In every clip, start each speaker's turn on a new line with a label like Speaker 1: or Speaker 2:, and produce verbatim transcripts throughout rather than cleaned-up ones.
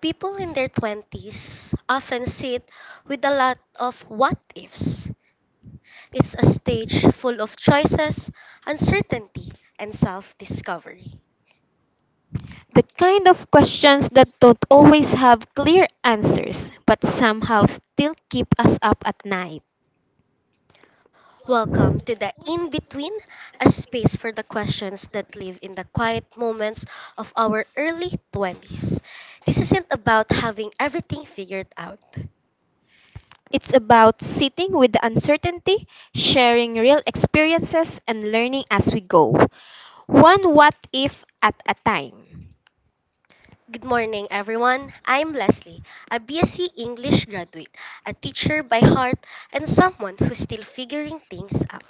Speaker 1: People in their twenties often sit with a lot of what ifs. It's a stage full of choices, uncertainty, and self discovery.
Speaker 2: The kind of questions that don't always have clear answers, but somehow still keep us up at night.
Speaker 1: Welcome to the in between, a space for the questions that live in the quiet moments of our early twenties. This isn't about having everything figured out.
Speaker 2: It's about sitting with the uncertainty, sharing real experiences, and learning as we go. One what if at a time.
Speaker 1: Good morning, everyone. I'm Leslie, a BSc English graduate, a teacher by heart, and someone who's still figuring things out.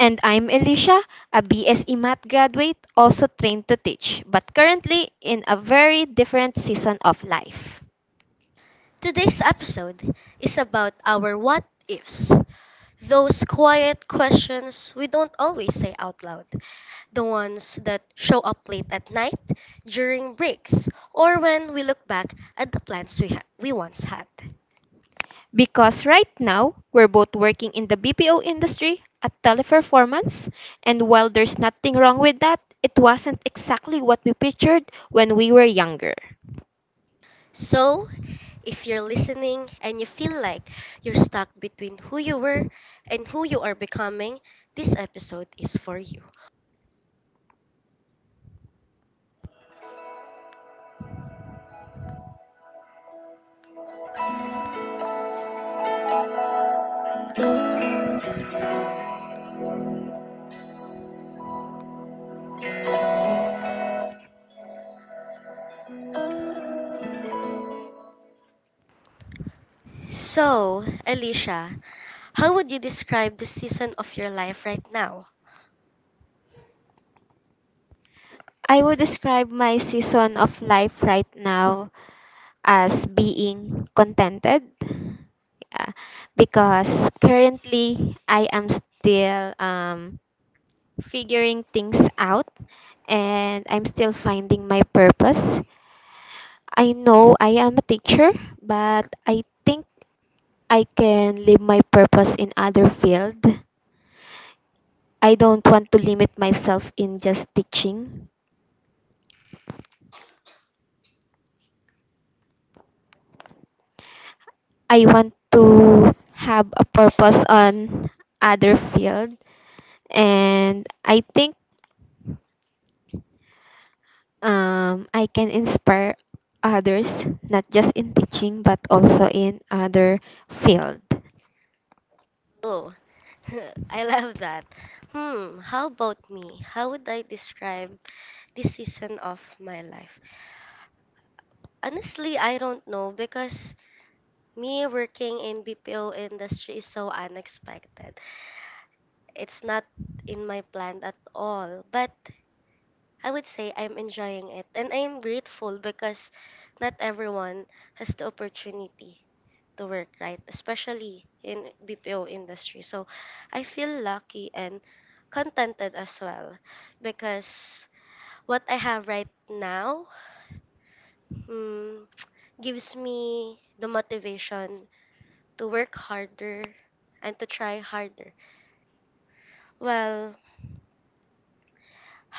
Speaker 2: And I'm Elisha, a B S E math graduate, also trained to teach, but currently in a very different season of life.
Speaker 1: Today's episode is about our what ifs, those quiet questions we don't always say out loud, the ones that show up late at night, during breaks, or when we look back at the plans we, ha- we once had.
Speaker 2: Because right now, we're both working in the B P O industry at Teleperformance, and while there's nothing wrong with that, it wasn't exactly what we pictured when we were younger.
Speaker 1: So, if you're listening and you feel like you're stuck between who you were and who you are becoming, this episode is for you. So, Alicia, how would you describe the season of your life right now?
Speaker 2: I would describe my season of life right now as being contented uh, because currently I am still um, figuring things out, and I'm still finding my purpose. I know I am a teacher, but I think I can live my purpose in other field. I don't want to limit myself in just teaching. I want to have a purpose on other field, and I think um, I can inspire others, not just in teaching but also in other field.
Speaker 1: Oh, I love that. Hmm, how about me? How would I describe this season of my life? Honestly, I don't know because me working in B P O industry is so unexpected. It's not in my plan at all. But I would say I'm enjoying it and I'm grateful because not everyone has the opportunity to work right, especially in B P O industry. So I feel lucky and contented as well because what I have right now mm, gives me the motivation to work harder and to try harder. Well,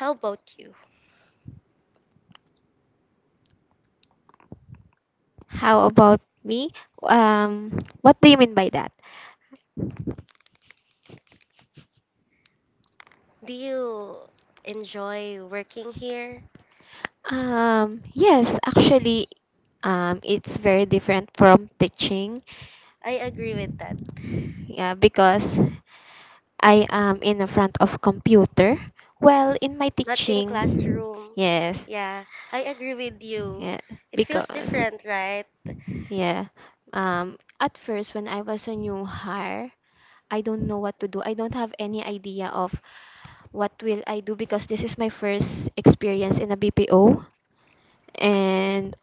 Speaker 1: how about you?
Speaker 2: How about me? Um, what do you mean by that?
Speaker 1: Do you enjoy working here?
Speaker 2: Um, yes, actually, um, it's very different from teaching.
Speaker 1: I agree with that.
Speaker 2: Yeah, because I am in the front of computer. Well, in my
Speaker 1: Not in
Speaker 2: teaching,
Speaker 1: classroom.
Speaker 2: yes,
Speaker 1: Yeah, I agree with you.
Speaker 2: yeah,
Speaker 1: It feels
Speaker 2: because
Speaker 1: different, right?
Speaker 2: yeah, um, at first when I was a new hire, I don't know what to do. I don't have any idea of what will I do because this is my first experience in a B P O. And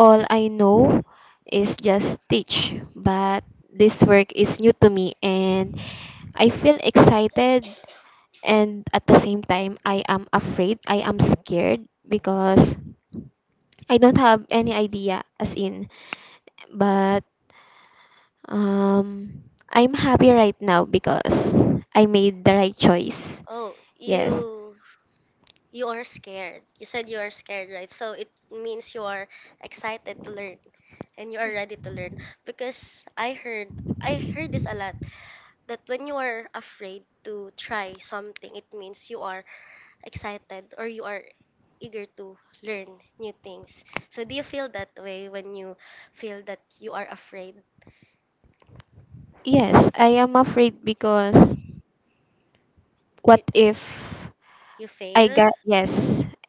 Speaker 2: all I know is just teach, but this work is new to me, and I feel excited, and at the same time I am afraid, I am scared because I don't have any idea as in. But um I'm happy right now because I made the right choice.
Speaker 1: Oh,
Speaker 2: Yes.
Speaker 1: you you are scared. You said you are scared, right? So it means you are excited to learn and you are ready to learn because I heard I heard this a lot that when you are afraid to try something, it means you are excited or you are eager to learn new things. So do you feel that way when you feel that you are afraid
Speaker 2: Yes, I am afraid because what if
Speaker 1: you
Speaker 2: I
Speaker 1: fail?
Speaker 2: got yes,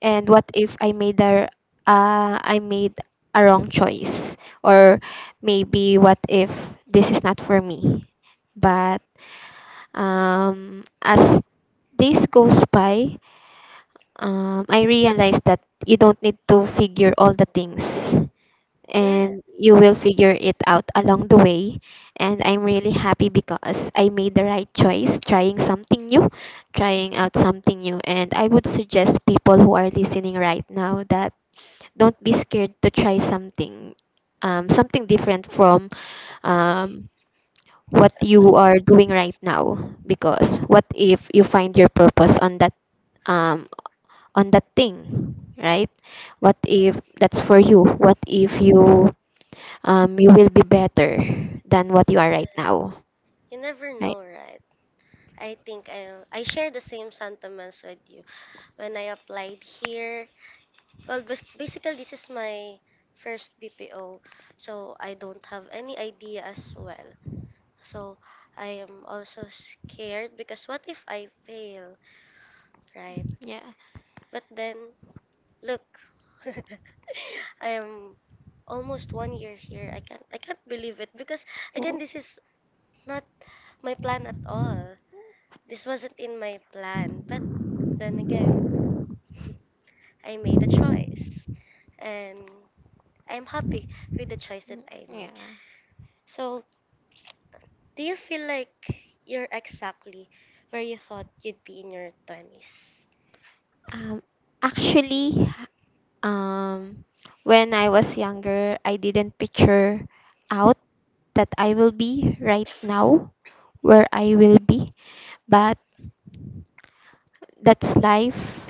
Speaker 2: and what if I made a uh, I made a wrong choice, or maybe what if this is not for me? But um, as days goes by, um, I realized that you don't need to figure all the things,
Speaker 1: Yeah.
Speaker 2: and you will figure it out along the way. And I'm really happy because I made the right choice trying something new, trying out something new. And I would suggest people who are listening right now that don't be scared to try something, um, something different from um, what you are doing right now. Because what if you find your purpose on that, um, on that thing, right? What if that's for you? What if you, um, you will be better than what you are right
Speaker 1: Yes.
Speaker 2: now,
Speaker 1: You never
Speaker 2: right?
Speaker 1: know, right? I think I I share the same sentiments with you. When I applied here, well, bas- basically this is my first B P O, so I don't have any idea as well. So I am also scared because what if I fail, right?
Speaker 2: Yeah.
Speaker 1: But then look, I am almost one year here. I can't I can't believe it because
Speaker 2: W-
Speaker 1: again this is not my plan at all. This wasn't in my plan. But then again, I made a choice and I'm happy with the choice that I
Speaker 2: Yeah.
Speaker 1: make. So, do you feel like you're exactly where you thought you'd be in your twenties?
Speaker 2: Um, Actually, um, when I was younger, I didn't picture out that I will be right now where I will be, but that's life.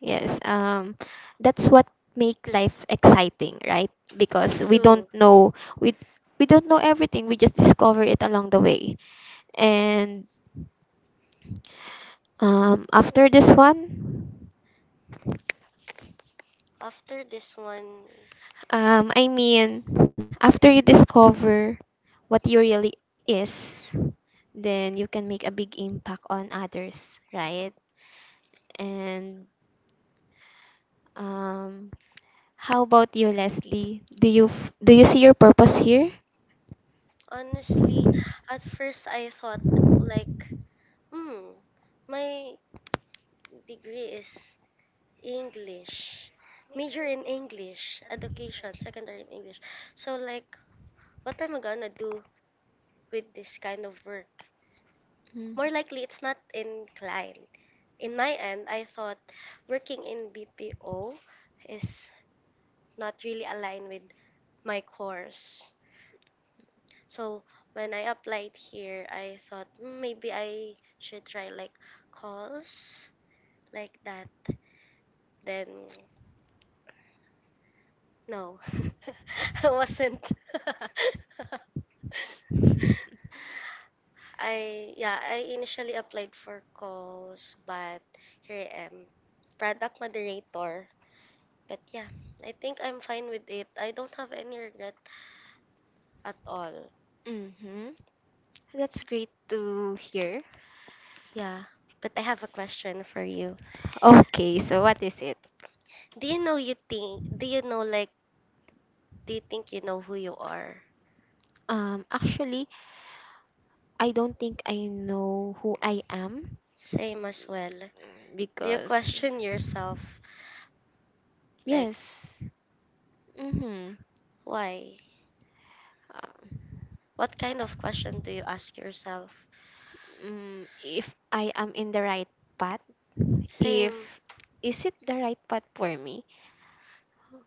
Speaker 2: Yes, um, that's what make life exciting, right? Because we don't
Speaker 1: True.
Speaker 2: know, we we don't know everything. We just discover it along the way. And um, after this one,
Speaker 1: After this one,
Speaker 2: um, I mean, after you discover what you really is, then you can make a big impact on others, right? And um, how about you, Leslie? Do you f- do you see your purpose here?
Speaker 1: honestly, at first I thought like Mm, my degree is English, major in English, education, secondary in English. So like, what am I gonna do with this kind of work?
Speaker 2: Mm.
Speaker 1: More likely, it's not inclined. In my end, I thought working in B P O is not really aligned with my course. So when I applied here, I thought, "Mm, maybe I should try like calls like that." Then no, I wasn't. I yeah, I initially applied for calls, but here I am, product moderator. But yeah, I think I'm fine with it. I don't have any regret at all.
Speaker 2: Mm-hmm. That's great to hear.
Speaker 1: Yeah, but I have a question for you.
Speaker 2: Okay, so what is it?
Speaker 1: Do you know you think? Do you know like? Do you think you know who you are?
Speaker 2: Um, actually, I don't think I know who I am,
Speaker 1: Same as well.
Speaker 2: mm,
Speaker 1: Do you
Speaker 2: because
Speaker 1: question yourself? Like
Speaker 2: yes, mm-hmm.
Speaker 1: why?
Speaker 2: Uh,
Speaker 1: What kind of question do you ask yourself?
Speaker 2: mm, if I am in the right path, if
Speaker 1: Same,
Speaker 2: is it the right path for me?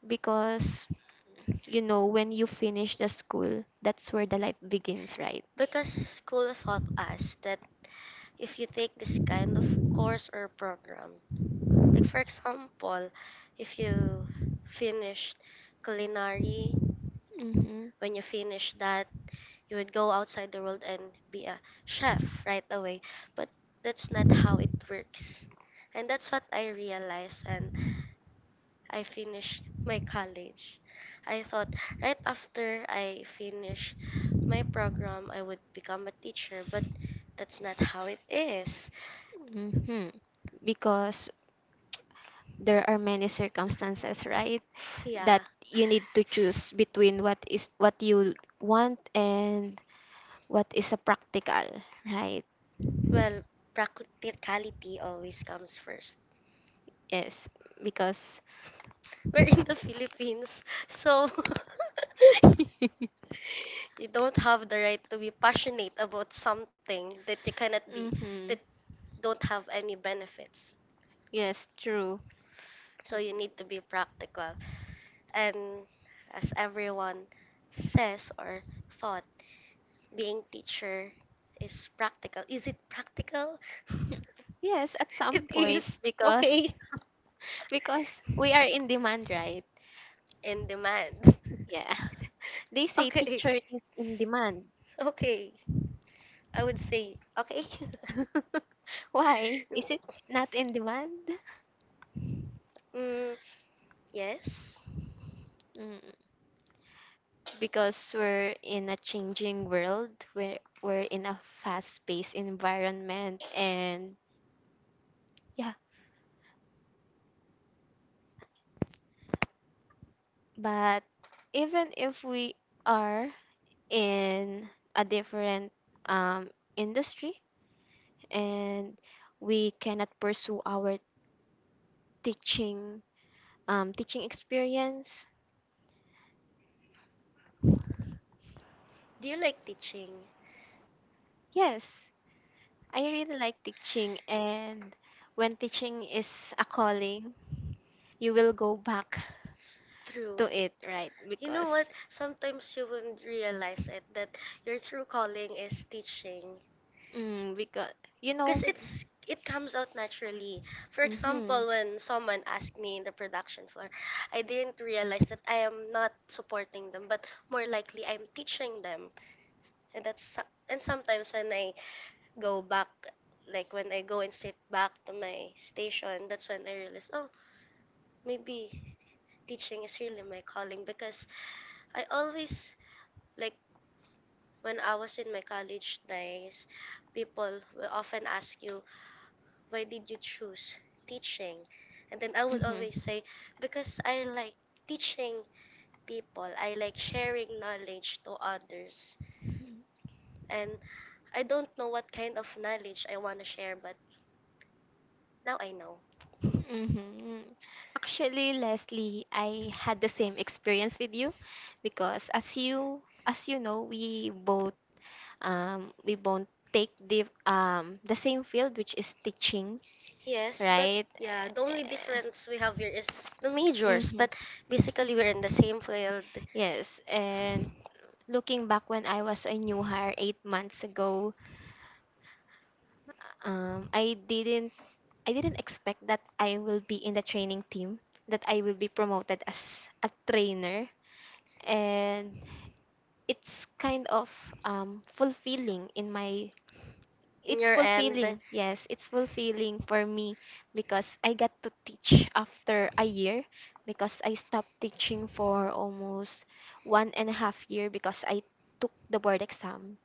Speaker 2: Because you know when you finish the school, that's where the life begins, right?
Speaker 1: because school taught us that if you take this kind of course or program, like for example, if you finished culinary,
Speaker 2: Mm-hmm.
Speaker 1: when you finish that, you would go outside the world and be a chef right away. But that's not how it works. And that's what I realized and I finished my college. I thought right after I finished my program, I would become a teacher, but that's not how it is.
Speaker 2: Mm-hmm. Because there are many circumstances, right? That
Speaker 1: Yeah,
Speaker 2: you need to choose between what is what you want and what is a practical, right?
Speaker 1: well, practicality always comes first.
Speaker 2: Yes, because
Speaker 1: We're in the Philippines, so you don't have the right to be passionate about something that you cannot be,
Speaker 2: hmm.
Speaker 1: that don't have any benefits.
Speaker 2: Yes, true.
Speaker 1: So you need to be practical. And as everyone says or thought, being teacher is practical. Is it practical?
Speaker 2: Yes, at some
Speaker 1: It
Speaker 2: point
Speaker 1: is.
Speaker 2: because
Speaker 1: Okay.
Speaker 2: because we are in demand, right?
Speaker 1: In demand.
Speaker 2: Yeah. They say
Speaker 1: Okay.
Speaker 2: teacher is in demand.
Speaker 1: Okay. I would say okay.
Speaker 2: Why? Is it not in demand?
Speaker 1: Mm, yes.
Speaker 2: Mm, because we're in a changing world, we're, we're in a fast-paced environment, and yeah. But even if we are in a different um, industry and we cannot pursue our teaching, um, teaching experience,
Speaker 1: Do you like teaching?
Speaker 2: yes, I really like teaching, and when teaching is a calling, you will go back
Speaker 1: True.
Speaker 2: to it, right?
Speaker 1: You know
Speaker 2: Because
Speaker 1: what? Sometimes you wouldn't realize it that your true calling is teaching.
Speaker 2: mm, because you
Speaker 1: Because
Speaker 2: know.
Speaker 1: it's it comes out naturally. For example, when someone asked me in the production floor, I didn't realize that I am not supporting them, but more likely I'm teaching them. And that's so- and sometimes when I go back, like when I go and sit back to my station, that's when I realize, oh, maybe teaching is really my calling because I always like when I was in my college days, people will often ask you, why did you choose teaching? And then I
Speaker 2: Mhm.
Speaker 1: would
Speaker 2: Mhm.
Speaker 1: always say, because I like teaching people, I like sharing knowledge to others. And I don't know what kind of knowledge I want to share, but now I know.
Speaker 2: Hmm. Actually, Leslie, I had the same experience with you because as you as you know, we both, um we both take the um the same field which is teaching,
Speaker 1: Yes, but
Speaker 2: right?
Speaker 1: yeah, the only difference we have here is the majors,
Speaker 2: Mm-hmm.
Speaker 1: but basically we're in the same field.
Speaker 2: Yes, and looking back when I was a new hire eight months ago, um, I didn't, I didn't expect that I will be in the training team, that I will be promoted as a trainer. And it's kind of um, fulfilling in my.
Speaker 1: In
Speaker 2: It's
Speaker 1: your end,
Speaker 2: fulfilling, yes, it's fulfilling for me because I got to teach after a year, because I stopped teaching for almost one and a half year because I took the board exam,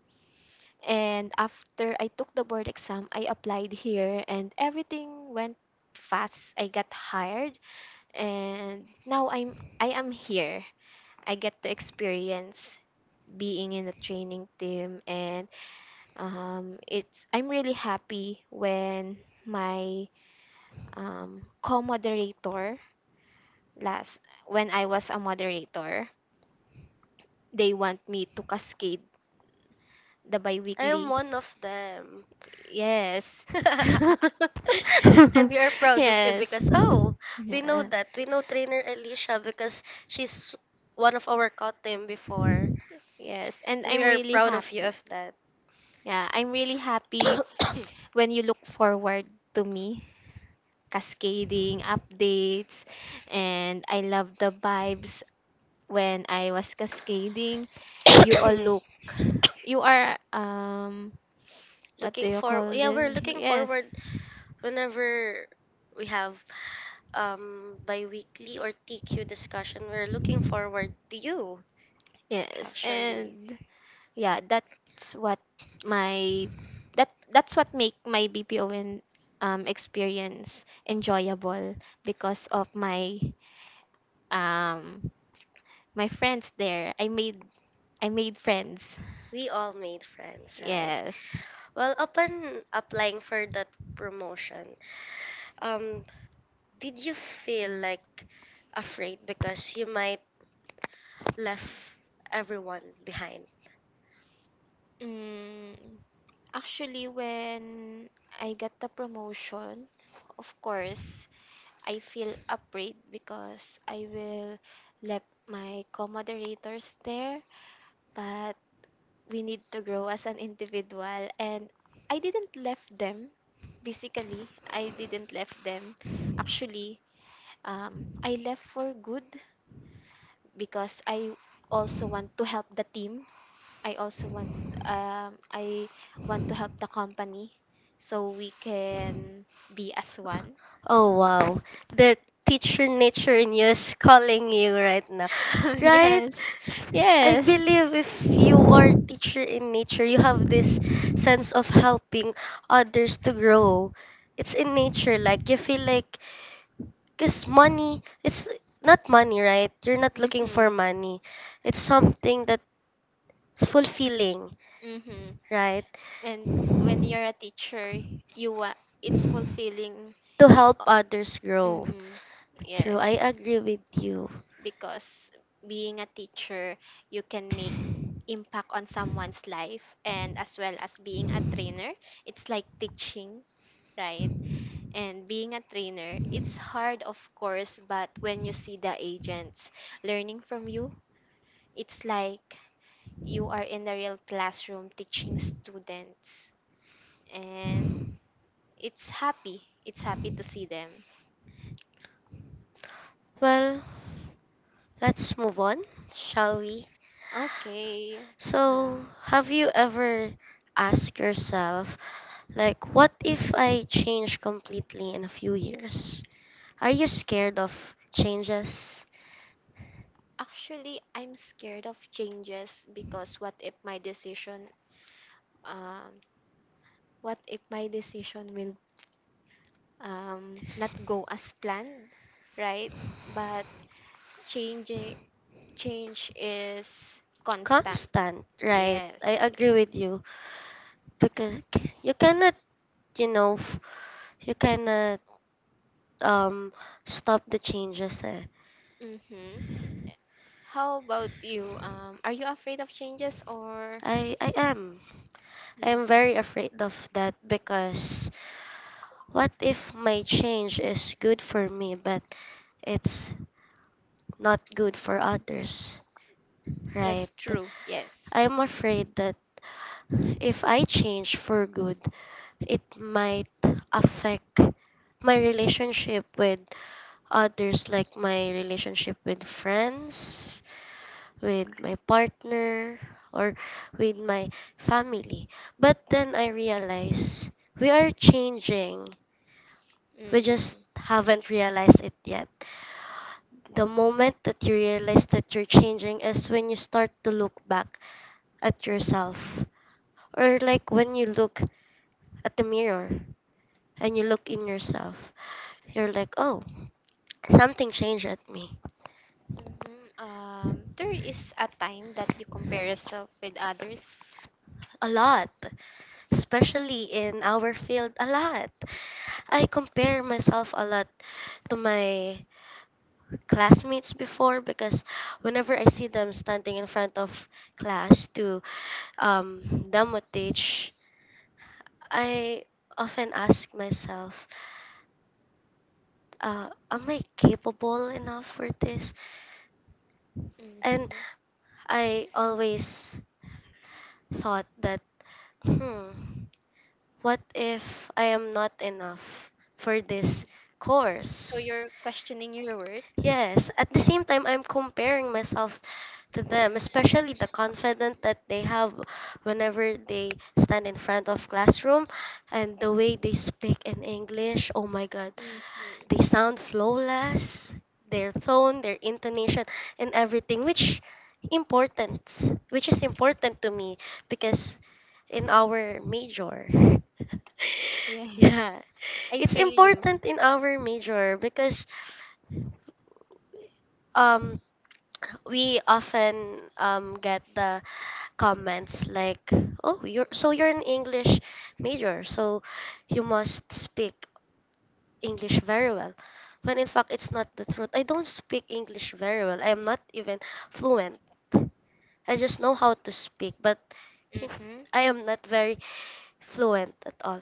Speaker 2: and after I took the board exam, I applied here and everything went fast. I got hired and now I'm I am here. I get to experience being in a training team, and um, it's, I'm really happy when my um, co-moderator last when I was a moderator, they want me to cascade the
Speaker 1: I am
Speaker 2: biweekly.
Speaker 1: one of them.
Speaker 2: Yes.
Speaker 1: And we are proud of you
Speaker 2: Yes.
Speaker 1: because, oh, we know
Speaker 2: Yeah.
Speaker 1: that we know trainer Alicia because she's one of our cut team before.
Speaker 2: Yes. And
Speaker 1: And we
Speaker 2: I'm
Speaker 1: are
Speaker 2: really
Speaker 1: proud of you
Speaker 2: happy.
Speaker 1: of that.
Speaker 2: Yeah, I'm really happy when you look forward to me cascading updates, and I love the vibes when I was cascading. You all look, you are um what do
Speaker 1: looking
Speaker 2: you
Speaker 1: for
Speaker 2: call
Speaker 1: yeah we're
Speaker 2: this?
Speaker 1: looking
Speaker 2: Yes.
Speaker 1: forward whenever we have um bi-weekly or TQ discussion. We're looking forward to you,
Speaker 2: Yes.
Speaker 1: actually.
Speaker 2: And yeah, that's what my, that that's what make my B P O bpon um, experience enjoyable because of my um my friends there, i made I made friends
Speaker 1: We all made friends, right?
Speaker 2: yes.
Speaker 1: Well, upon applying for that promotion, Um, did you feel like afraid because you might left everyone behind?
Speaker 2: Mm, actually, when I got the promotion, of course, I feel afraid because I will left my co-moderators there. But we need to grow as an individual, and I didn't left them, basically I didn't left them. Actually, um, I left for good because I also want to help the team, I also want, um, I want to help the company so we can be as one.
Speaker 1: Oh wow. The teacher nature news calling you right now. Right?
Speaker 2: Yes.
Speaker 1: I
Speaker 2: Yes.
Speaker 1: believe if you are teacher in nature, you have this sense of helping others to grow. It's in nature, like you feel like, cause money, it's not money, right? You're not looking for
Speaker 2: Mm-hmm.
Speaker 1: money. It's something that's fulfilling,
Speaker 2: Mm-hmm.
Speaker 1: right?
Speaker 2: And when you're a teacher, you want it's fulfilling.
Speaker 1: To help others grow.
Speaker 2: Mm-hmm.
Speaker 1: True, I
Speaker 2: Yes,
Speaker 1: agree with you.
Speaker 2: because being a teacher, you can make impact on someone's life, and as well as being a trainer, it's like teaching, right? And being a trainer, it's hard of course, but when you see the agents learning from you, it's like you are in the real classroom teaching students, and it's happy. It's happy to see them.
Speaker 1: Well, let's move on, shall we?
Speaker 2: Okay. Uh,
Speaker 1: So, have you ever asked yourself, like, what if I change completely in a few years? Are you scared of changes?
Speaker 2: actually, I'm scared of changes because what if my decision, um what if my decision will um not go as planned, right? But change change is constant.
Speaker 1: Constant, right?
Speaker 2: Yes.
Speaker 1: I agree with you because you cannot, you know, f- you cannot um stop the changes. Eh.
Speaker 2: Mhm. How about you? Um are you afraid of changes or?
Speaker 1: I I am.
Speaker 2: Mhm.
Speaker 1: I'm very afraid of that because what if my change is good for me but it's not good for others,
Speaker 2: Yes,
Speaker 1: right?
Speaker 2: true. Yes.
Speaker 1: I'm afraid that if I change for good, it might affect my relationship with others, like my relationship with friends, with my partner or with my family. But then I realize we are changing. We just
Speaker 2: Mhm.
Speaker 1: haven't realized it yet. The moment that you realize that you're changing is when you start to look back at yourself or like when you look at the mirror and you look in yourself. You're like, "Oh, something changed at me."
Speaker 2: Mhm. Um, there is a time that you compare yourself with others.
Speaker 1: A lot, especially in our field, a lot. I compare myself a lot to my classmates before because whenever I see them standing in front of class to um, demo teach, I often ask myself, uh, am I capable enough for this? And
Speaker 2: Hmm.
Speaker 1: I always thought that, hmm. What if I am not enough for this
Speaker 2: So
Speaker 1: course?
Speaker 2: you're questioning your worth.
Speaker 1: Yes, at the same time, I'm comparing myself to them, especially the confidence that they have whenever they stand in front of classroom and the way they speak in English. Oh my God,
Speaker 2: Hmm.
Speaker 1: they sound flawless, their tone, their intonation, and everything, which important, which is important to me because in our major,
Speaker 2: Yeah,
Speaker 1: yeah,
Speaker 2: I
Speaker 1: it's
Speaker 2: feel you.
Speaker 1: important in our major because um we often um get the comments like, oh, you're so you're an English major, so you must speak English very well, when in fact it's not the truth. I don't speak English very well. I am not even fluent. I just know how to speak, but
Speaker 2: Mm-hmm.
Speaker 1: I am not very fluent at all.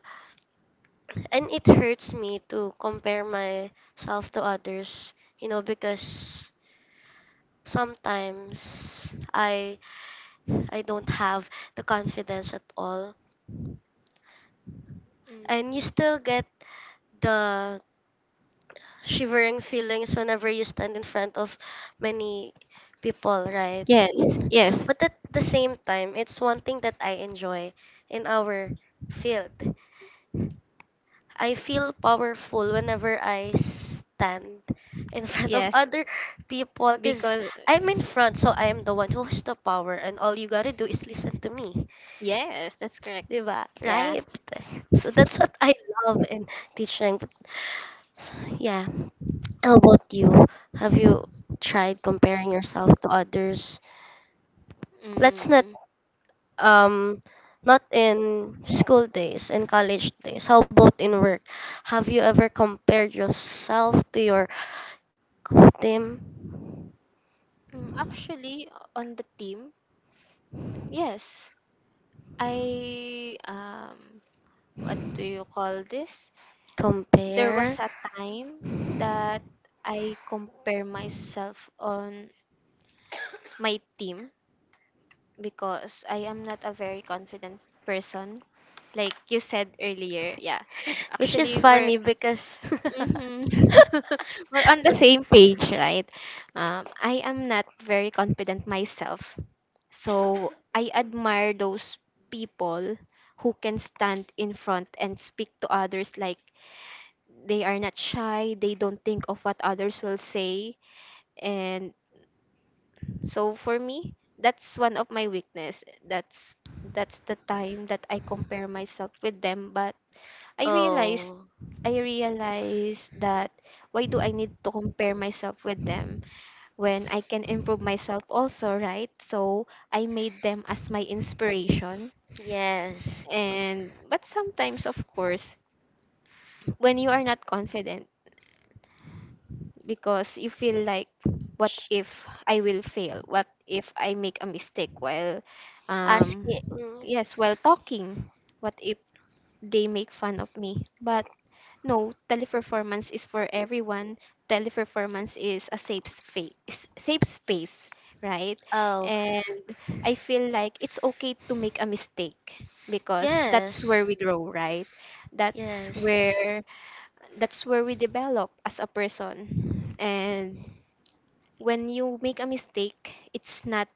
Speaker 1: And it hurts me to compare myself to others, you know, because sometimes I I don't have the confidence at all.
Speaker 2: Hmm.
Speaker 1: And you still get the shivering feelings whenever you stand in front of many people, right?
Speaker 2: Yes, yes.
Speaker 1: But at the same time, it's one thing that I enjoy in our field. I feel powerful whenever I stand in front of
Speaker 2: Yes,
Speaker 1: other people because
Speaker 2: because
Speaker 1: I'm in front, so I am the one who has the power, and all you gotta do is listen to me.
Speaker 2: yes, that's correct.
Speaker 1: Diba?
Speaker 2: Yeah.
Speaker 1: Right? So that's what I love in teaching. But, yeah. How about you? Have you tried comparing yourself to others? Let's not
Speaker 2: Mm.
Speaker 1: um not in school days, in college days. How about in work? Have you ever compared yourself to your co- team?
Speaker 2: Mm, actually, on the team, yes, I um, what do you call this? There was
Speaker 1: Compare,
Speaker 2: a time that I compare myself on my team because I am not a very confident person. Like you said earlier, yeah.
Speaker 1: which is
Speaker 2: Actually, we're
Speaker 1: funny because
Speaker 2: mhm. We're on the same page, right? Um, I am not very confident myself, so I admire those people who can stand in front and speak to others like they are not shy. They don't think of what others will say, and so for me, that's one of my weakness. That's that's the time that I compare myself with them, but I realized
Speaker 1: oh
Speaker 2: I realized that why do I need to compare myself with them when I can improve myself also, right? So I made them as my inspiration.
Speaker 1: yes,
Speaker 2: And but sometimes of course, when you are not confident, because you feel like what if I will fail, what if I make a mistake while um
Speaker 1: asking
Speaker 2: yes while talking, what if they make fun of me? But no, teleperformance is for everyone. Teleperformance is a safe space, safe space, right?
Speaker 1: oh
Speaker 2: And I feel like it's okay to make a mistake because that's
Speaker 1: yes.
Speaker 2: where we grow, right? that's
Speaker 1: Yes,
Speaker 2: where that's where we develop as a person. And when you make a mistake, it's not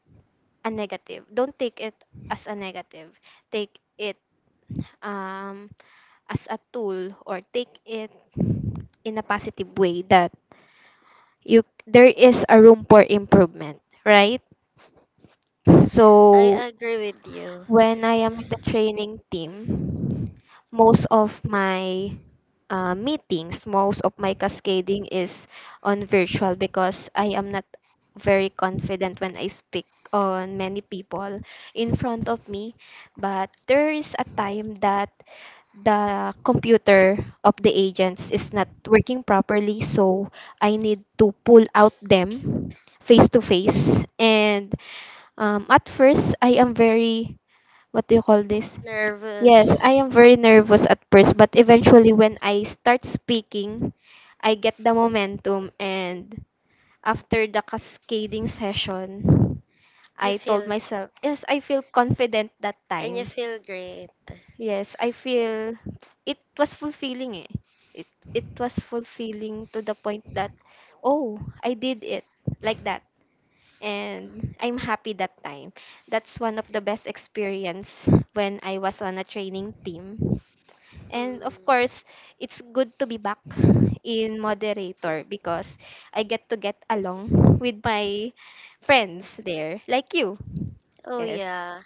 Speaker 2: a negative. Don't take it as a negative. Take it, um, as a tool, or take it in a positive way that you, there is a room for improvement, right?
Speaker 1: I
Speaker 2: So
Speaker 1: agree with you.
Speaker 2: when I am in the training team, most of my uh, meetings, most of my cascading is on virtual because I am not very confident when I speak on many people in front of me. But there is a time that the computer of the agents is not working properly, so I need to pull out them face to face. And um, at first, I am very what do you call this? Yes,
Speaker 1: Nervous.
Speaker 2: I am very nervous at first, but eventually when I start speaking, I get the momentum, and after the cascading session,
Speaker 1: You
Speaker 2: I told
Speaker 1: feel
Speaker 2: myself, yes, I feel confident that
Speaker 1: and you
Speaker 2: time.
Speaker 1: feel great.
Speaker 2: Yes, I feel it was fulfilling eh. It it was fulfilling to the point that oh, I did it like that and I'm happy that time. That's one of the best experience when I was on a training team. And of
Speaker 1: Hmm.
Speaker 2: course, it's good to be back in moderator because I get to get along with my friends there, like you.
Speaker 1: Oh
Speaker 2: Yes.
Speaker 1: yeah.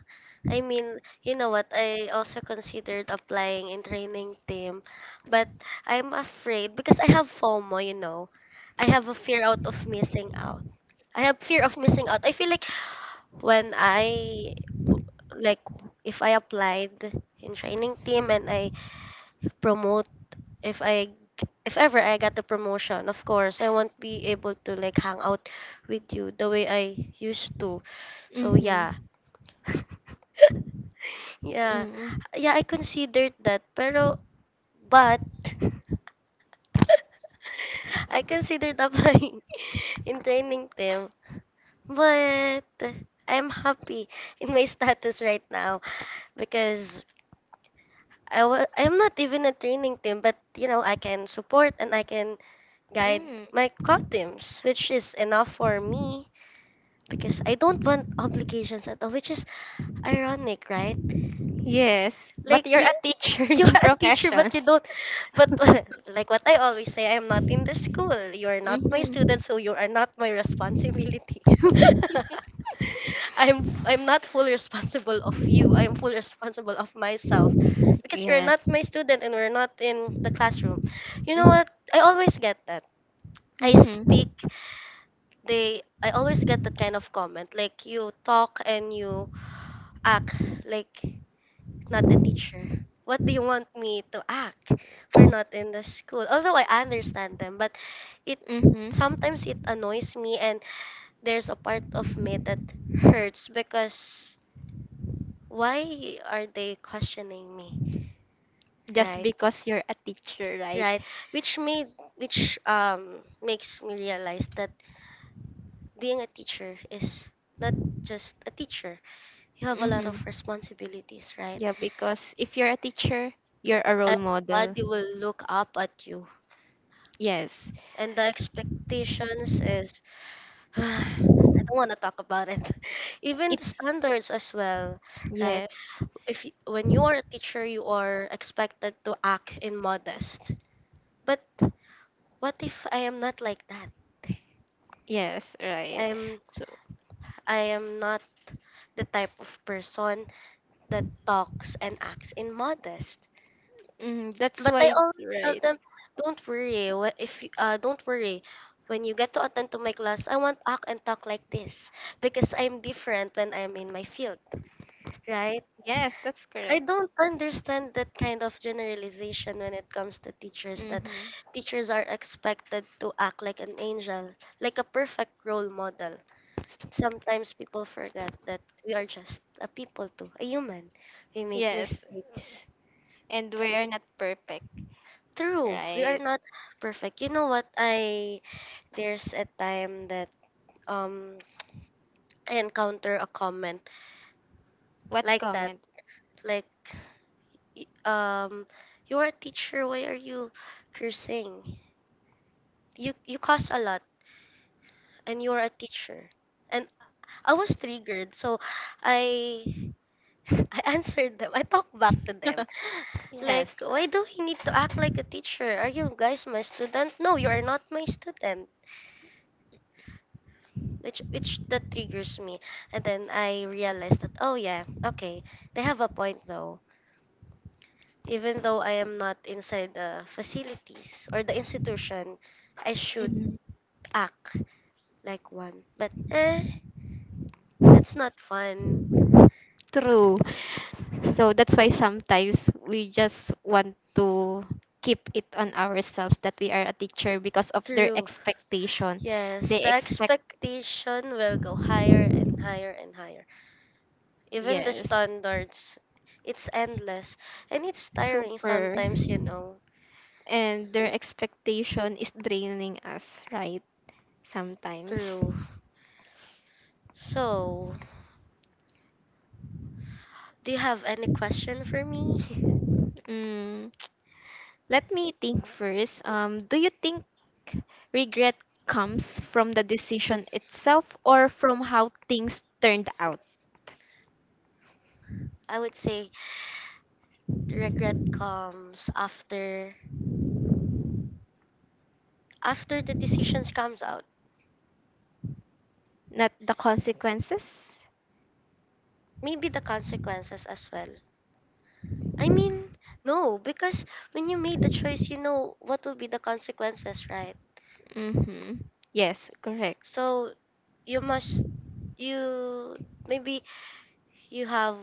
Speaker 1: I mean, you know what? I also considered applying in training team, but I'm afraid because I have FOMO, you know. I have a fear out of missing out. I have fear of missing out. I feel like when I like if I applied in training team and I promote if I, if ever I got the promotion, of course, I won't be able to like hang out with you the way I used to. So yeah.
Speaker 2: Mhm.
Speaker 1: yeah.
Speaker 2: Mm.
Speaker 1: Yeah, I considered that. Pero but I considered applying in training team. But I'm happy in my status right now because I wa- I'm not even a training team, but you know, I can support and I can guide
Speaker 2: Mm.
Speaker 1: my cuttings, which is enough for me because I don't want obligations at all, which is ironic, right?
Speaker 2: Yes, but
Speaker 1: Like
Speaker 2: you're
Speaker 1: you
Speaker 2: a teacher
Speaker 1: you
Speaker 2: in
Speaker 1: are a teacher
Speaker 2: profession.
Speaker 1: but you don't but like what I always say, I am not in the school. You are not my student,
Speaker 2: Mhm.
Speaker 1: so you are not my responsibility. I'm I'm not fully responsible of you. I am fully responsible of myself because you're not
Speaker 2: Yes.
Speaker 1: my student and we're not in the classroom. You know
Speaker 2: Mm-hmm.
Speaker 1: what? I always get that. I speak they I always get that kind of comment like you talk and you act like not a teacher. What do you want me to act? We're not in the school. Although I understand them, but it
Speaker 2: Mm-hmm.
Speaker 1: sometimes it annoys me and there's a part of me that hurts because why are they questioning me?
Speaker 2: Just
Speaker 1: Right?
Speaker 2: because you're a teacher, right?
Speaker 1: Right. Which made which um makes me realize that being a teacher is not just a teacher, you have a lot
Speaker 2: Mm-hmm.
Speaker 1: of responsibilities, right?
Speaker 2: Yeah, because if you're a teacher, you're a role model.
Speaker 1: Everybody will look up at you,
Speaker 2: Yes.
Speaker 1: and the expectations is I don't want to talk about it. Even
Speaker 2: It
Speaker 1: the standards as well, right?
Speaker 2: Yes.
Speaker 1: If you, when you are a teacher, you are expected to act in modest. But what if I am not like that?
Speaker 2: Yes, right.
Speaker 1: I'm
Speaker 2: So
Speaker 1: I am not the type of person that talks and acts in modest.
Speaker 2: mm, that's
Speaker 1: But I
Speaker 2: why
Speaker 1: always tell
Speaker 2: right.
Speaker 1: them, don't worry. wh- If you, uh, don't worry, when you get to attend to my class, I won't act and talk like this because I'm different when I'm in my field, right?
Speaker 2: Yes, that's
Speaker 1: I
Speaker 2: correct.
Speaker 1: don't understand that kind of generalization when it comes to teachers, that
Speaker 2: Mm-hmm.
Speaker 1: teachers are expected to act like an angel, like a perfect role model. Sometimes people forget that we are just a people too, a human. We make
Speaker 2: Yes,
Speaker 1: mistakes.
Speaker 2: and we are not perfect,
Speaker 1: True, we are
Speaker 2: right?
Speaker 1: not perfect. You know what? I there's a time that um I encounter a comment
Speaker 2: What
Speaker 1: like that,
Speaker 2: comment?
Speaker 1: like y- um you are a teacher, why are you cursing? You you cost a lot and you are a teacher. And I was triggered, so I I answered them. I talked back to them. Like,
Speaker 2: Yes.
Speaker 1: why do we need to act like a teacher? Are you guys my student? No, you are not my student. Which which that triggers me. And then I realized that oh yeah, okay. They have a point though. Even though I am not inside the facilities or the institution, I should
Speaker 2: Mhm.
Speaker 1: act like one. But eh, it's not fun.
Speaker 2: True. So that's why sometimes we just want to keep it on ourselves that we are a teacher because of their
Speaker 1: True.
Speaker 2: expectation.
Speaker 1: Yes,
Speaker 2: They
Speaker 1: the
Speaker 2: expect,
Speaker 1: expectation will go higher and higher and higher. Even the
Speaker 2: yes,
Speaker 1: standards, it's endless and it's tiring
Speaker 2: super.
Speaker 1: sometimes, you know.
Speaker 2: And their expectation is draining us, right? Sometimes.
Speaker 1: True. So, do you have any question for me?
Speaker 2: Mm, Let me think first. Um, do you think regret comes from the decision itself or from how things turned out,
Speaker 1: I would say regret comes after after the decisions comes out,
Speaker 2: not the consequences?
Speaker 1: maybe the consequences as well. I mean, no, because when you made the choice, you know what will be the consequences, right?
Speaker 2: Mm-hmm. Yes, correct.
Speaker 1: So you must, you maybe, you have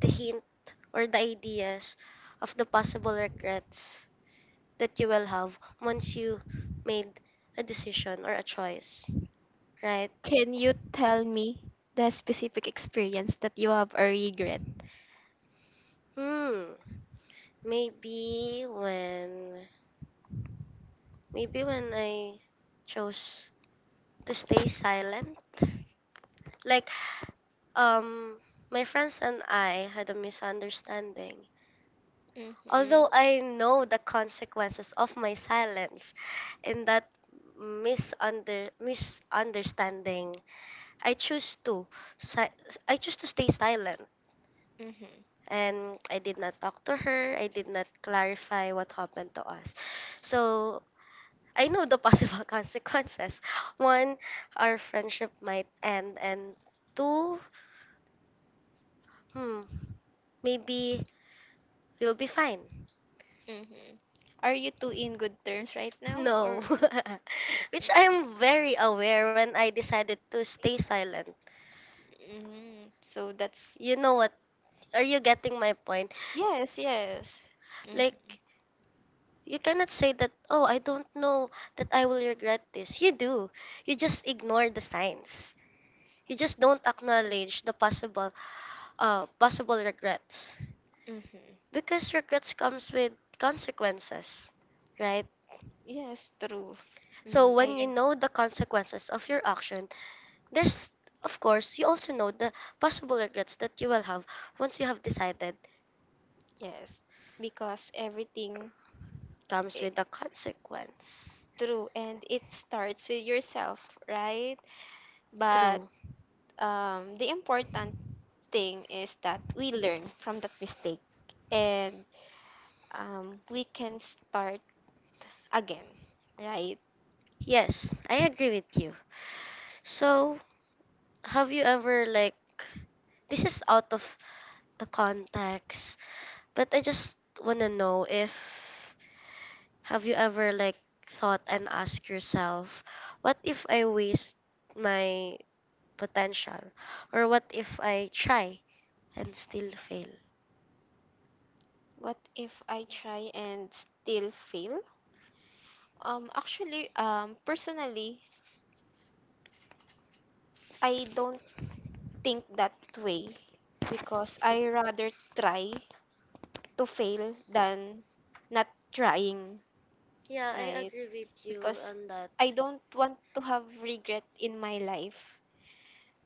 Speaker 1: the hint or the ideas of the possible regrets that you will have once you made a decision or a choice, right?
Speaker 2: Can you tell me the specific experience that you have a regret?
Speaker 1: Hmm, maybe when, maybe when I chose to stay silent. Like, um, my friends and I had a misunderstanding.
Speaker 2: Mm-hmm.
Speaker 1: Although I know the consequences of my silence in that misunder misunderstanding, I choose to si- I choose to stay silent
Speaker 2: Mm-hmm.
Speaker 1: and I did not talk to her. I did not clarify what happened to us. So I know the possible consequences. One, our friendship might end, and two, hmm, maybe we'll be fine.
Speaker 2: Mm-hmm. Are you two in good terms right now
Speaker 1: No.
Speaker 2: or
Speaker 1: Which I am very aware when I decided to stay silent.
Speaker 2: mm-hmm. So that's
Speaker 1: You know what? Are you getting my point?
Speaker 2: yes, yes. Mm-hmm.
Speaker 1: Like, you cannot say that, oh, I don't know that I will regret this. You do. You just ignore the signs. You just don't acknowledge the possible uh possible regrets.
Speaker 2: Mm-hmm.
Speaker 1: Because regrets comes with consequences, right?
Speaker 2: Yes, true.
Speaker 1: So
Speaker 2: Mm, I
Speaker 1: when you
Speaker 2: ag-
Speaker 1: know the consequences of your action, there's, of course, you also know the possible regrets that you will have once you have decided
Speaker 2: yes, because everything
Speaker 1: comes
Speaker 2: It
Speaker 1: with a consequence.
Speaker 2: true, and it starts with yourself, right? But
Speaker 1: True.
Speaker 2: um the important thing is that we learn from that mistake, and um, we can start again, right?
Speaker 1: Yes, I agree with you. So, have you ever, like, this is out of the context, but I just want to know if, have you ever like thought and asked yourself, what if I waste my potential? Or what if I try and still fail?
Speaker 2: What if I try and still fail? Um, actually, um, personally, I don't think that way because I rather try to fail than not trying,
Speaker 1: Yeah, I
Speaker 2: right?
Speaker 1: agree with you
Speaker 2: Because
Speaker 1: on that.
Speaker 2: I don't want to have regret in my life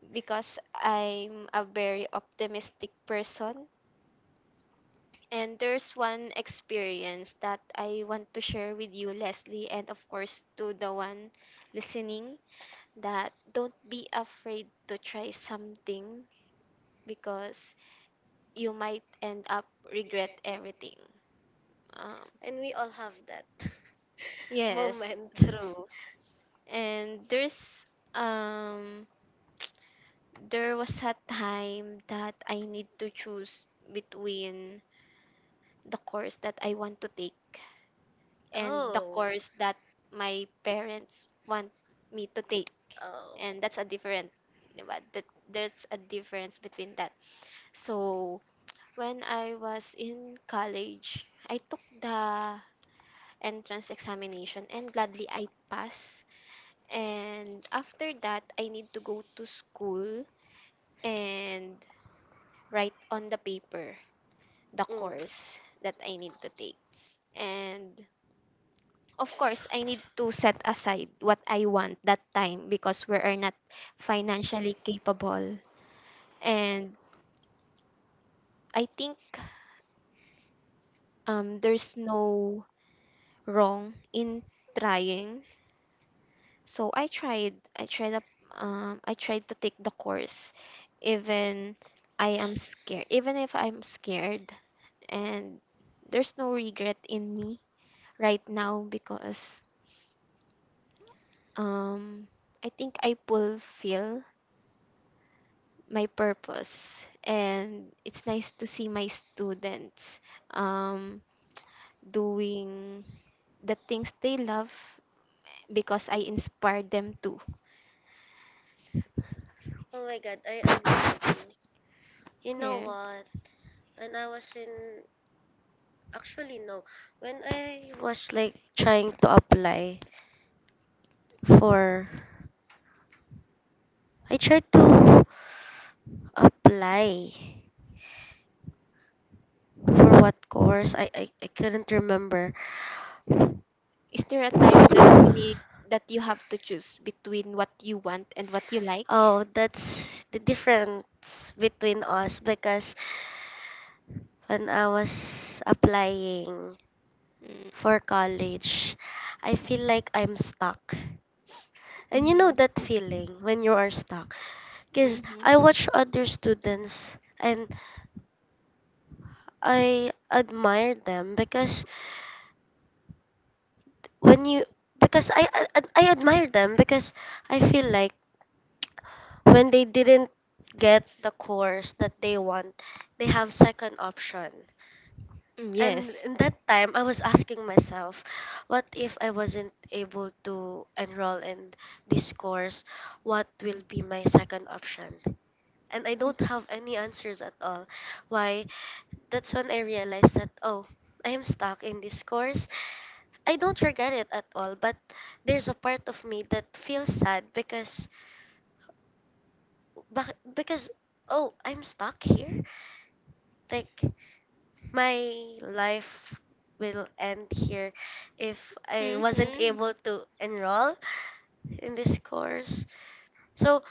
Speaker 2: because I'm a very optimistic person. And there's one experience that I want to share with you, Leslie, and of course to the one listening, that don't be afraid to try something because you might end up regret everything. Um,
Speaker 1: And we all have that
Speaker 2: yes,
Speaker 1: moment.
Speaker 2: true. And there's um there was a time that I need to choose between the course that I want to take and the
Speaker 1: Oh.
Speaker 2: course that my parents want me to take,
Speaker 1: Oh.
Speaker 2: and that's a different di ba? That there's a difference between that, so when I was in college I took the entrance examination, and gladly I passed. And after that I need to go to school and write on the paper the
Speaker 1: Mm.
Speaker 2: course that I need to take, and of course I need to set aside what I want that time because we are not financially capable. And I think um there's no wrong in trying. So I tried I tried up um I tried to take the course even I am scared even if I'm scared. And there's no regret in me right now because um I think I fulfill my purpose, and it's nice to see my students, um, doing the things they love because I inspire them to.
Speaker 1: Oh my god, I agree with you. You know
Speaker 2: Yeah.
Speaker 1: what? When I was in actually no, when I was like trying to apply for, I tried to apply for what course. I, I, I couldn't remember.
Speaker 2: Is there a time you need that you have to choose between what you want and what you like?
Speaker 1: Oh, that's the difference between us because when I was applying
Speaker 2: Mm,
Speaker 1: for college, I feel like I'm stuck. And you
Speaker 2: mhm,
Speaker 1: know that feeling when you are stuck. Because
Speaker 2: mhm.
Speaker 1: I watch other students and I admire them because when you because I I, I admire them because I feel like when they didn't get the course that they want, they have second option.
Speaker 2: Mm, yes.
Speaker 1: And in that time, I was asking myself, what if I wasn't able to enroll in this course? What will be my second option? And I don't have any answers at all. Why? That's when I realized that, oh, I am stuck in this course. I don't regret it at all, but there's a part of me that feels sad because Bak- because, oh, I'm stuck here. Like, my life will end here if I wasn't
Speaker 2: Mhm.
Speaker 1: able to enroll in this course. So,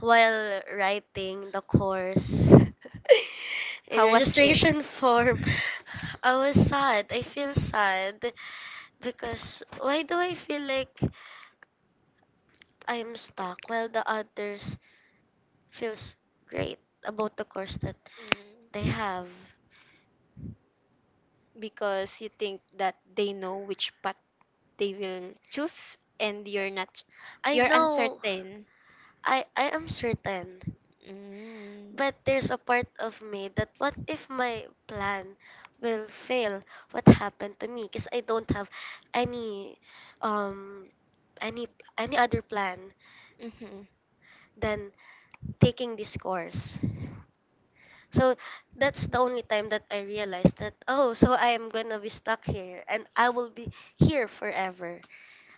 Speaker 1: while writing the course in
Speaker 2: How was it?
Speaker 1: registration form, I was sad. I feel sad because why do I feel like I'm stuck while the others feels great about the course that they
Speaker 2: Mm.
Speaker 1: have.
Speaker 2: Because you think that they know which path they will choose, and you're not
Speaker 1: I
Speaker 2: you're
Speaker 1: know
Speaker 2: uncertain.
Speaker 1: I I am certain,
Speaker 2: Mm.
Speaker 1: but there's a part of me that what if my plan will fail? What happened to me? Because I don't have any um any any other plan.
Speaker 2: Mm-hmm.
Speaker 1: Than taking this course. So that's the only time that I realized that, oh, so I am gonna be stuck here and I will be here forever.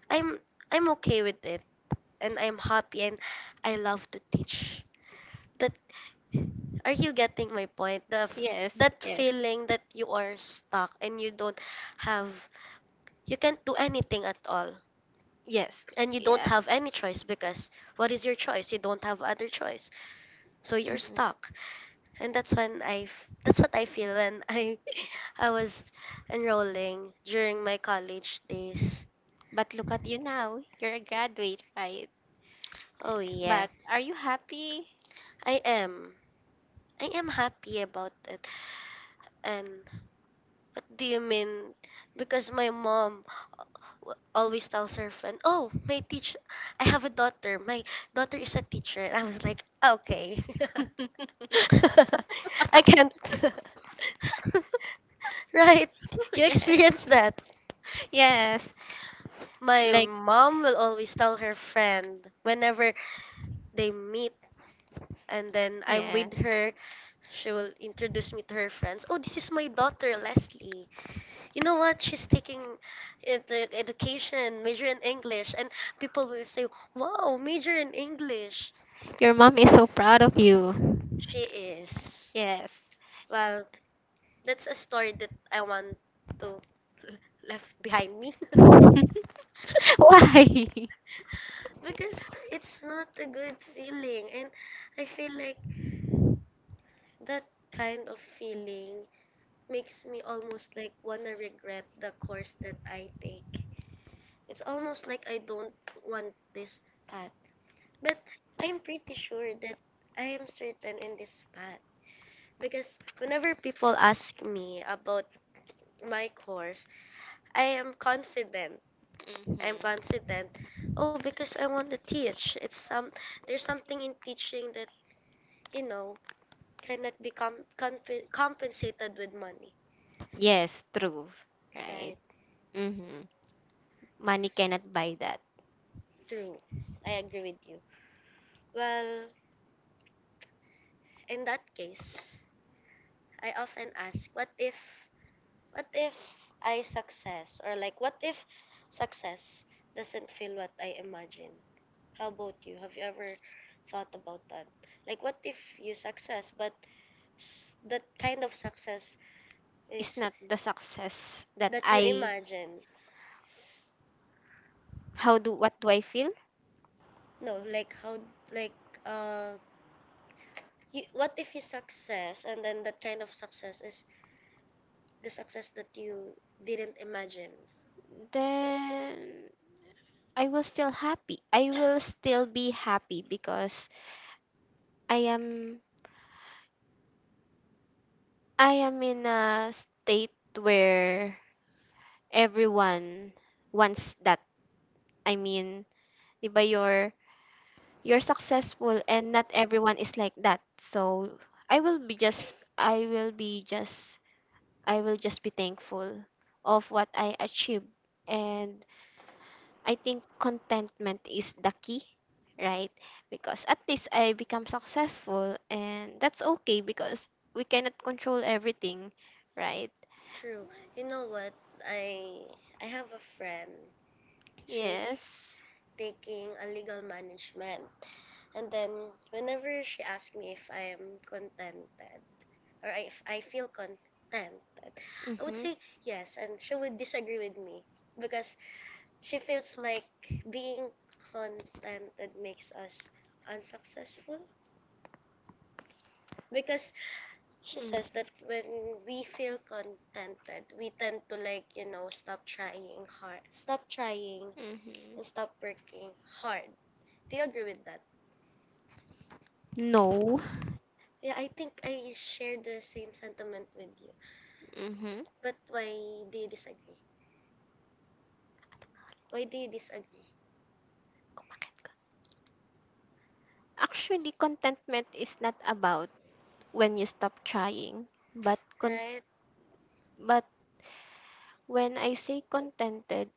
Speaker 1: I'm I'm okay with it and I'm happy and I love to teach. That, are you getting my point? The f-
Speaker 2: Yes,
Speaker 1: that
Speaker 2: yes,
Speaker 1: feeling that you are stuck and you don't have, you can't do anything at all
Speaker 2: yes,
Speaker 1: and you don't
Speaker 2: yeah.
Speaker 1: have any choice because what is your choice? You don't have other choice. So you're
Speaker 2: Mhm.
Speaker 1: stuck. And that's when I f- that's what I feel when I I was enrolling during my college days.
Speaker 2: But look at you now, you're a graduate, right?
Speaker 1: Oh yeah.
Speaker 2: But are you happy?
Speaker 1: I am I am happy about it and, what do you mean? Because my mom w- always tells her friend, "Oh, my teacher, I have a daughter. My daughter is a teacher." And I was like, "Okay, I can't." Right? You
Speaker 2: Yes,
Speaker 1: experience that.
Speaker 2: yes,
Speaker 1: My
Speaker 2: like,
Speaker 1: mom will always tell her friend whenever they meet, and then I'm
Speaker 2: yeah.
Speaker 1: with her. She will introduce me to her friends. Oh, this is my daughter, Leslie. You know what? She's taking edu- education, major in English, and people will say, "Wow, major in English."
Speaker 2: Your mom is so proud of you.
Speaker 1: She is.
Speaker 2: Yes.
Speaker 1: Well, that's a story that I want to left behind me
Speaker 2: Why?
Speaker 1: because it's not a good feeling, and I feel like that kind of feeling makes me almost like wanna regret the course that I take. It's almost like I don't want this path. But I'm pretty sure that I am certain in this path because whenever people ask me about my course, I am confident.
Speaker 2: Mm-hmm.
Speaker 1: I am confident. Oh, because I want to teach. It's some there's something in teaching that you know cannot be com- comp- compensated with money.
Speaker 2: Yes, true. Right.
Speaker 1: Right?
Speaker 2: Mhm. Money cannot buy that.
Speaker 1: True. I agree with you. Well, in that case, I often ask, what if, what if I success, or like what if success doesn't feel what I imagine? How about you? Have you ever thought about that? Like what if you success but s- that kind of success
Speaker 2: It's
Speaker 1: is
Speaker 2: not the success that
Speaker 1: that you
Speaker 2: I
Speaker 1: imagine?
Speaker 2: how do What do I feel?
Speaker 1: No, like how like uh you, what if you success and then that kind of success is the success that you didn't imagine?
Speaker 2: Then I will still happy. I will still be happy because I am I am in a state where everyone wants that. I mean, 'di ba you're you're successful and not everyone is like that. So I will be just I will be just I will just be thankful of what I achieved. And I think contentment is the key, right? Because at least I become successful, and that's okay because we cannot control everything, right?
Speaker 1: True. You know what? I I have a friend, she's
Speaker 2: Yes.
Speaker 1: taking a legal management. And then whenever she asks me if I am contented or if I feel contented, I
Speaker 2: Mm-hmm.
Speaker 1: would
Speaker 2: Mm.
Speaker 1: say yes, and she would disagree with me because she feels like being contented makes us unsuccessful because she says that when we feel contented we tend to like you know stop trying hard, stop trying
Speaker 2: Mm-hmm.
Speaker 1: and stop working hard. Do you agree with that?
Speaker 2: No.
Speaker 1: Yeah, I think I share the same sentiment with you.
Speaker 2: Mm-hmm.
Speaker 1: But why do you disagree? Why do you disagree?
Speaker 2: Actually, contentment is not about when you stop trying, but con-
Speaker 1: Right?
Speaker 2: but when I say contented,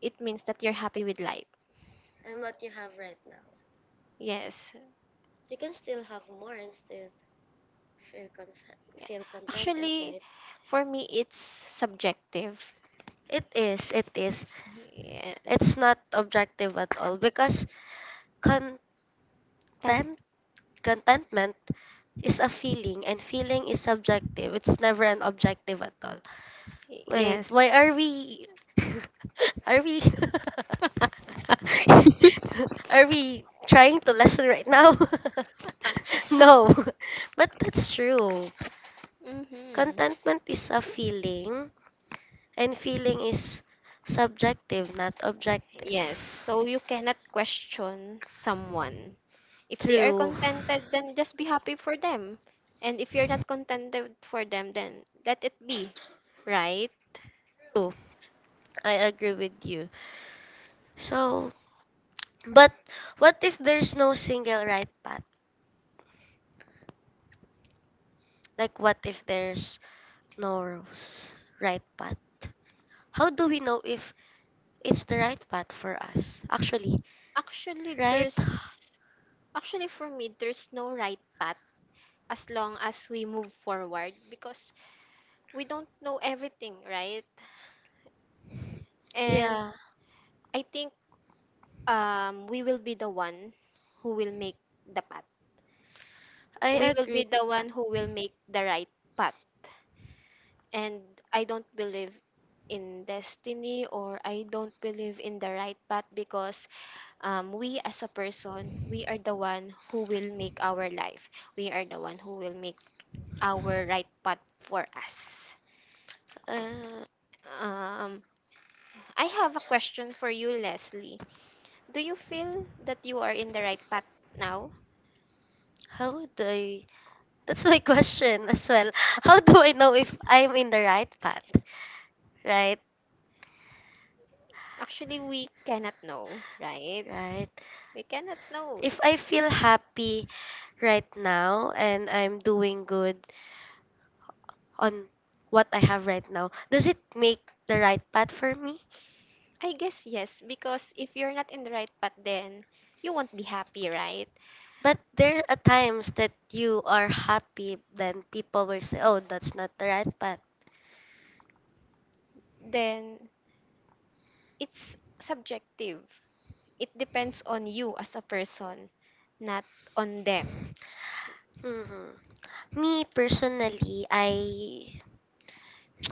Speaker 2: it means that you're happy with life.
Speaker 1: And what you have right now.
Speaker 2: Yes.
Speaker 1: You can still have more and still feel conf-
Speaker 2: Yeah.
Speaker 1: feel contented,
Speaker 2: Actually,
Speaker 1: right?
Speaker 2: for me, it's subjective.
Speaker 1: It is, it is.
Speaker 2: Yes.
Speaker 1: It's not objective at all because content
Speaker 2: Ten-
Speaker 1: contentment is a feeling and feeling is subjective. It's never an objective at all. Wait,
Speaker 2: yes.
Speaker 1: why are we are we are we trying to lessen right now? No. But that's true.
Speaker 2: Mm-hmm.
Speaker 1: Contentment is a feeling and feeling is subjective, not objective.
Speaker 2: Yes. So you cannot question someone, if they are
Speaker 1: True.
Speaker 2: contented, then just be happy for them. And if you're not contented for them, then let it be, right?
Speaker 1: True. I agree with you. So, but what if there's no single right path? Like, what if there's no rose, right path? How do we know if it's the right path for us? Actually,
Speaker 2: Actually,
Speaker 1: right?
Speaker 2: there's Actually, for me, there's no right path as long as we move forward, because we don't know everything, right? And
Speaker 1: Yeah,
Speaker 2: I think um we will be the one who will make the path.
Speaker 1: I
Speaker 2: We will be
Speaker 1: agree with
Speaker 2: the one
Speaker 1: that.
Speaker 2: who will make the right path, and I don't believe in destiny, or I don't believe in the right path because um, we as a person, we are the one who will make our life. We are the one who will make our right path for us.
Speaker 1: Uh,
Speaker 2: Um, I have a question for you, Leslie. Do you feel that you are in the right path now?
Speaker 1: how do I? That's my question as well. How do I know if I'm in the right path? Right?
Speaker 2: Actually, we cannot know, right?
Speaker 1: Right?
Speaker 2: We cannot know.
Speaker 1: If I feel happy right now and I'm doing good on what I have right now, does it make the right path for me?
Speaker 2: I guess yes, because if you're not in the right path, then you won't be happy, right?
Speaker 1: But there are times that you are happy, then people will say, oh, that's not the right path.
Speaker 2: Then it's subjective. It depends on you as a person, not on them.
Speaker 1: Hmm. Me personally, I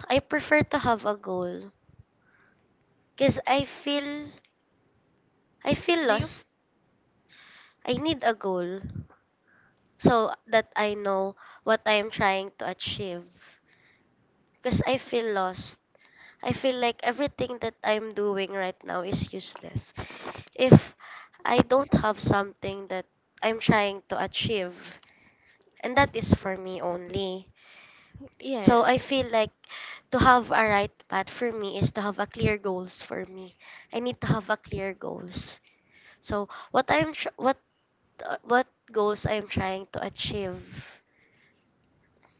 Speaker 1: I prefer to have a goal because I feel I feel
Speaker 2: Do you?
Speaker 1: lost. I need a goal, so that I know what I am trying to achieve. Because I feel lost. I feel like everything that I'm doing right now is useless. If I don't have something that I'm trying to achieve, and that is for me only. So I
Speaker 2: Yes.
Speaker 1: feel like to have a right path for me is to have a clear goals for me. I need to have a clear goals. So what I'm tr- what uh, what goals I'm trying to achieve.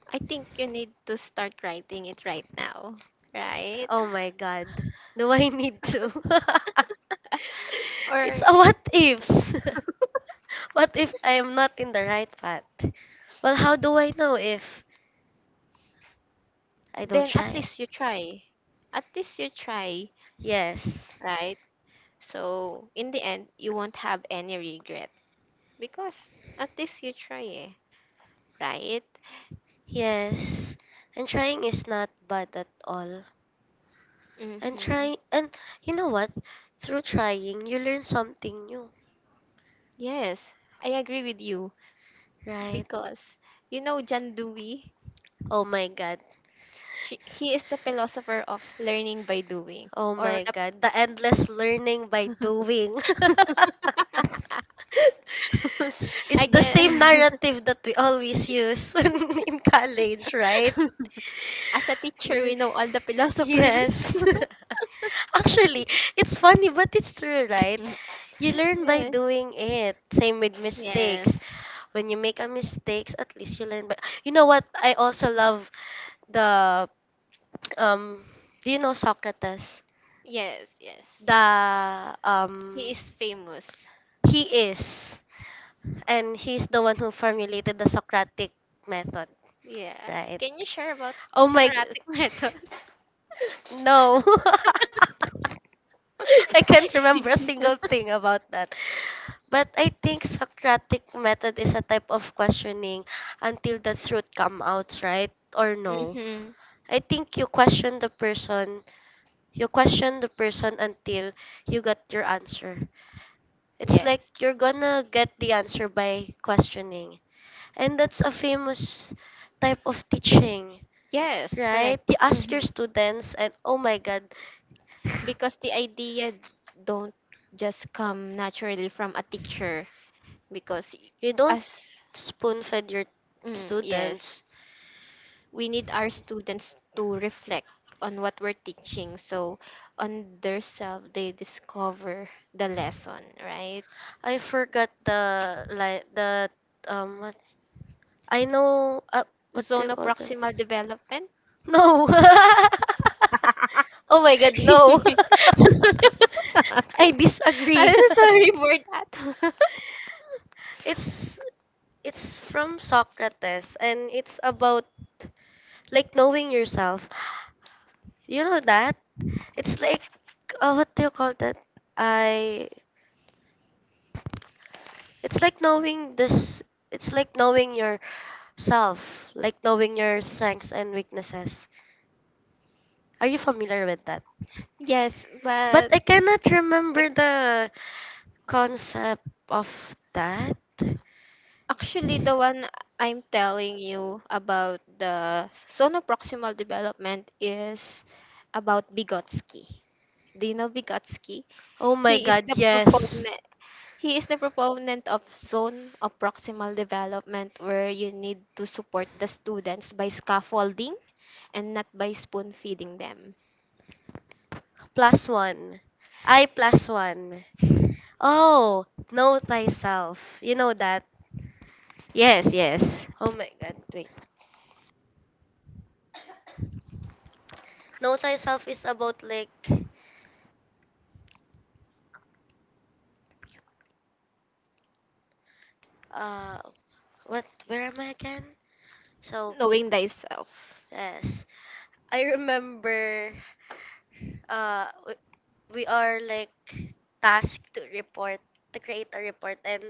Speaker 2: I think you need to start writing it right now, right?
Speaker 1: Oh my god. Do I need to?
Speaker 2: Or
Speaker 1: It's a what ifs. What if I am not in the right path? Well, how do I know if? I don't
Speaker 2: then at
Speaker 1: try it.
Speaker 2: least you try. At least you try,
Speaker 1: Yes.
Speaker 2: right? So in the end, you won't have any regret because at least you try. Eh. Right?
Speaker 1: Yes. And trying is not bad at all. And
Speaker 2: Mm-hmm.
Speaker 1: trying and you know what? Through trying you learn something new.
Speaker 2: Yes, I agree with you
Speaker 1: Right?
Speaker 2: because you know John Dewey,
Speaker 1: Oh my god.
Speaker 2: she, he is the philosopher of learning by doing.
Speaker 1: Oh
Speaker 2: Or
Speaker 1: my
Speaker 2: the
Speaker 1: god. The endless learning by doing.
Speaker 2: I
Speaker 1: It's the
Speaker 2: get
Speaker 1: same narrative that we always use in college, right?
Speaker 2: As a teacher we
Speaker 1: Ye-
Speaker 2: know all the philosophers.
Speaker 1: Yes. Actually, it's funny, but it's true, right? You learn by
Speaker 2: Yes,
Speaker 1: doing it. Same with
Speaker 2: yes,
Speaker 1: mistakes. When you make a mistakes, at least you learn. But you know what? I also love the um. Do you know Socrates?
Speaker 2: yes, yes.
Speaker 1: The um.
Speaker 2: He is famous.
Speaker 1: He is, and he's the one who formulated the Socratic method,
Speaker 2: Yeah.
Speaker 1: right?
Speaker 2: Can you share about the
Speaker 1: Oh my, g-
Speaker 2: Socratic method?
Speaker 1: no. I can't remember a single thing about that. But I think Socratic method is a type of questioning until the truth comes out, right? Or no?
Speaker 2: Mm-hmm.
Speaker 1: I think you question the person, you question the person until you get your answer. It's
Speaker 2: Yes.
Speaker 1: like you're gonna get the answer by questioning. And that's a famous type of teaching,
Speaker 2: Yes, correct.
Speaker 1: right? You ask
Speaker 2: Mm-hmm.
Speaker 1: your students, and oh my god,
Speaker 2: Because the idea don't just come naturally from a teacher, because
Speaker 1: you don't
Speaker 2: as
Speaker 1: spoon feed your
Speaker 2: mm, yes,
Speaker 1: students.
Speaker 2: we need our students to reflect on what we're teaching, so on their self they discover the lesson, right?
Speaker 1: I forgot the like the um what I know uh, what do you
Speaker 2: Zone
Speaker 1: call that?
Speaker 2: proximal development?
Speaker 1: No. Oh my god, no. I disagree.
Speaker 2: I'm sorry for that.
Speaker 1: It's it's from Socrates and it's about like knowing yourself. You know that? It's like uh, what do you call that? I It's like knowing this it's like knowing yourself, like knowing your strengths and weaknesses. Are you familiar with that?
Speaker 2: Yes,
Speaker 1: But
Speaker 2: but
Speaker 1: I cannot remember the concept of that.
Speaker 2: actually the one I'm telling you about the zone proximal development is about Vygotsky. Do you know Vygotsky?
Speaker 1: Oh
Speaker 2: He
Speaker 1: my
Speaker 2: is
Speaker 1: god,
Speaker 2: the
Speaker 1: yes.
Speaker 2: proponent. He is the proponent of zone of proximal development, where you need to support the students by scaffolding and not by spoon feeding them.
Speaker 1: Plus one. I plus one. Oh, know thyself. You know that.
Speaker 2: Yes, yes.
Speaker 1: Oh my god, wait. Know thyself is about like uh what where am I again? So
Speaker 2: Knowing thyself.
Speaker 1: yes. I remember uh w- we are like tasked to report to create a report and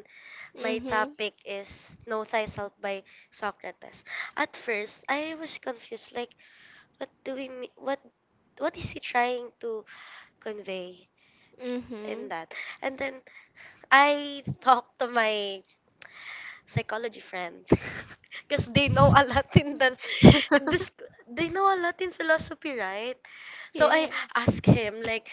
Speaker 1: my
Speaker 2: Mm-hmm.
Speaker 1: topic is Know Thyself by Socrates. At first, I was confused like, what do we mean? What what is he trying to convey
Speaker 2: Mm-hmm.
Speaker 1: in that? And then I talked to my psychology friend because they know a lot in the this they know a lot in philosophy, right? So I
Speaker 2: Yeah.
Speaker 1: asked him like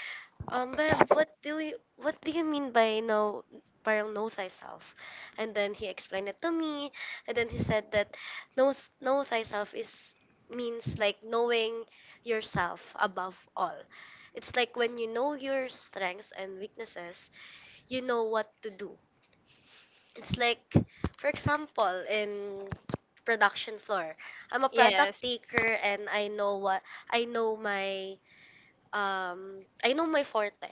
Speaker 1: um babe, what do you what do you mean by know parang know thyself, and then he explained it to me and then he said that know know thyself is means like knowing yourself above all. It's like when you know your strengths and weaknesses you know what to do. It's like, for example, in production floor, I'm a
Speaker 2: Yes.
Speaker 1: product taker and I know what I know my um I know my forte.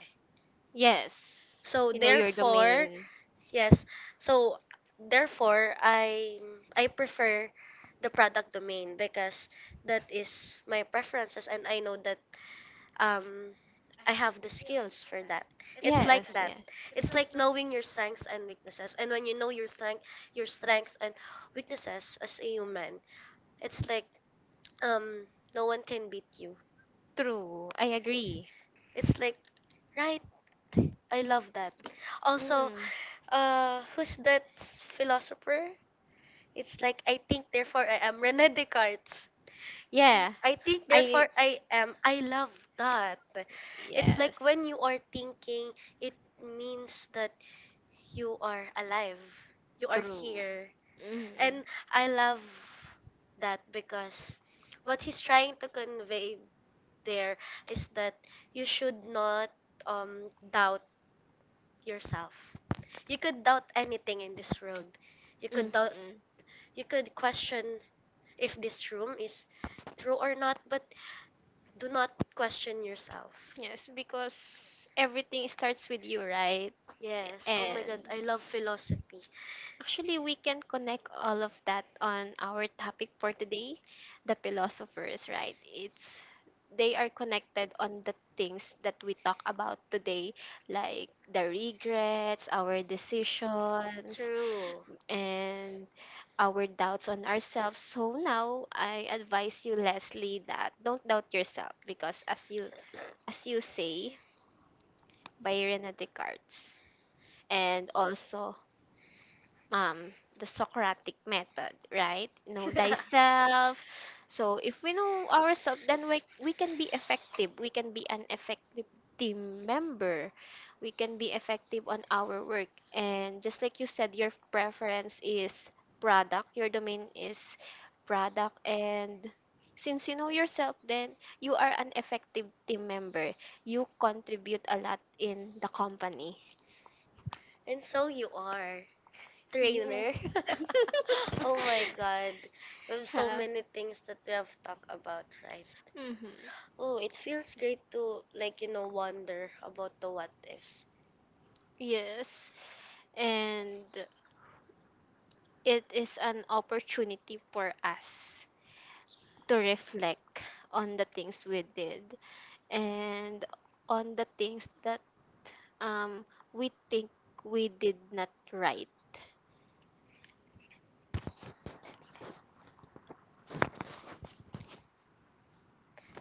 Speaker 2: Yes.
Speaker 1: So
Speaker 2: You know your
Speaker 1: therefore,
Speaker 2: domain.
Speaker 1: yes. So therefore, I I prefer the product domain because that is my preferences and I know that um I have the skills for that. It's like
Speaker 2: Yes,
Speaker 1: that.
Speaker 2: yeah.
Speaker 1: It's like knowing your strengths and weaknesses. And when you know your strength your strengths and weaknesses as a human, it's like um no one can beat you.
Speaker 2: True. I agree.
Speaker 1: It's like, right, I love that. Also,
Speaker 2: Mm.
Speaker 1: uh, who's that philosopher? It's like I think therefore I am, Rene Descartes.
Speaker 2: Yeah.
Speaker 1: I think
Speaker 2: I
Speaker 1: therefore I am. I love that. It's
Speaker 2: Yes.
Speaker 1: like when you are thinking, it means that you are alive. You are
Speaker 2: True.
Speaker 1: here.
Speaker 2: Mm-hmm.
Speaker 1: And I love that because what he's trying to convey there is that you should not um, doubt yourself. You could doubt anything in this world. You could doubt
Speaker 2: Mm-hmm.
Speaker 1: you could question if this room is true or not, but do not question yourself.
Speaker 2: Yes, because everything starts with you, right?
Speaker 1: Yes. Oh my
Speaker 2: And
Speaker 1: god, I love philosophy.
Speaker 2: actually, we can connect all of that on our topic for today, the philosophers, right? It's They are connected on the things that we talk about today, like the regrets, our decisions,
Speaker 1: True.
Speaker 2: and our doubts on ourselves. So now I advise you, Leslie, that don't doubt yourself because as you as you say, by Rene Descartes, and also um the Socratic method, right? Know thyself. So if we know ourselves, then we, we can be effective. We can be an effective team member. We can be effective on our work. And just like you said, your preference is product. Your domain is product, and since you know yourself, then you are an effective team member, you contribute a lot in the company.
Speaker 1: And so you are,
Speaker 2: Yes.
Speaker 1: trainer. Oh my god. We have so
Speaker 2: Yeah.
Speaker 1: many things that we have talked about, right?
Speaker 2: Mm-hmm.
Speaker 1: Oh, it feels great to like, you know, wonder about the what ifs.
Speaker 2: Yes. And it is an opportunity for us to reflect on the things we did and on the things that um we think we did not right.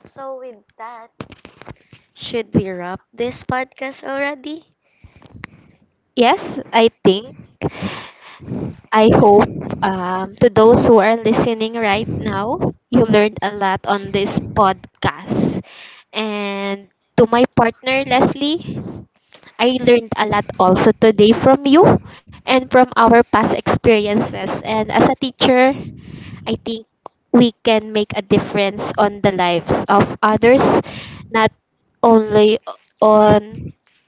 Speaker 1: So with that, should we wrap this podcast already?
Speaker 2: Yes, I think I hope, um, to those who are listening right now, you learned a lot on this podcast. And to my partner, Leslie, I learned a lot also today from you and from our past experiences. And as a teacher, I think we can make a difference on the lives of others, not only
Speaker 1: Five
Speaker 2: on.
Speaker 1: minutes.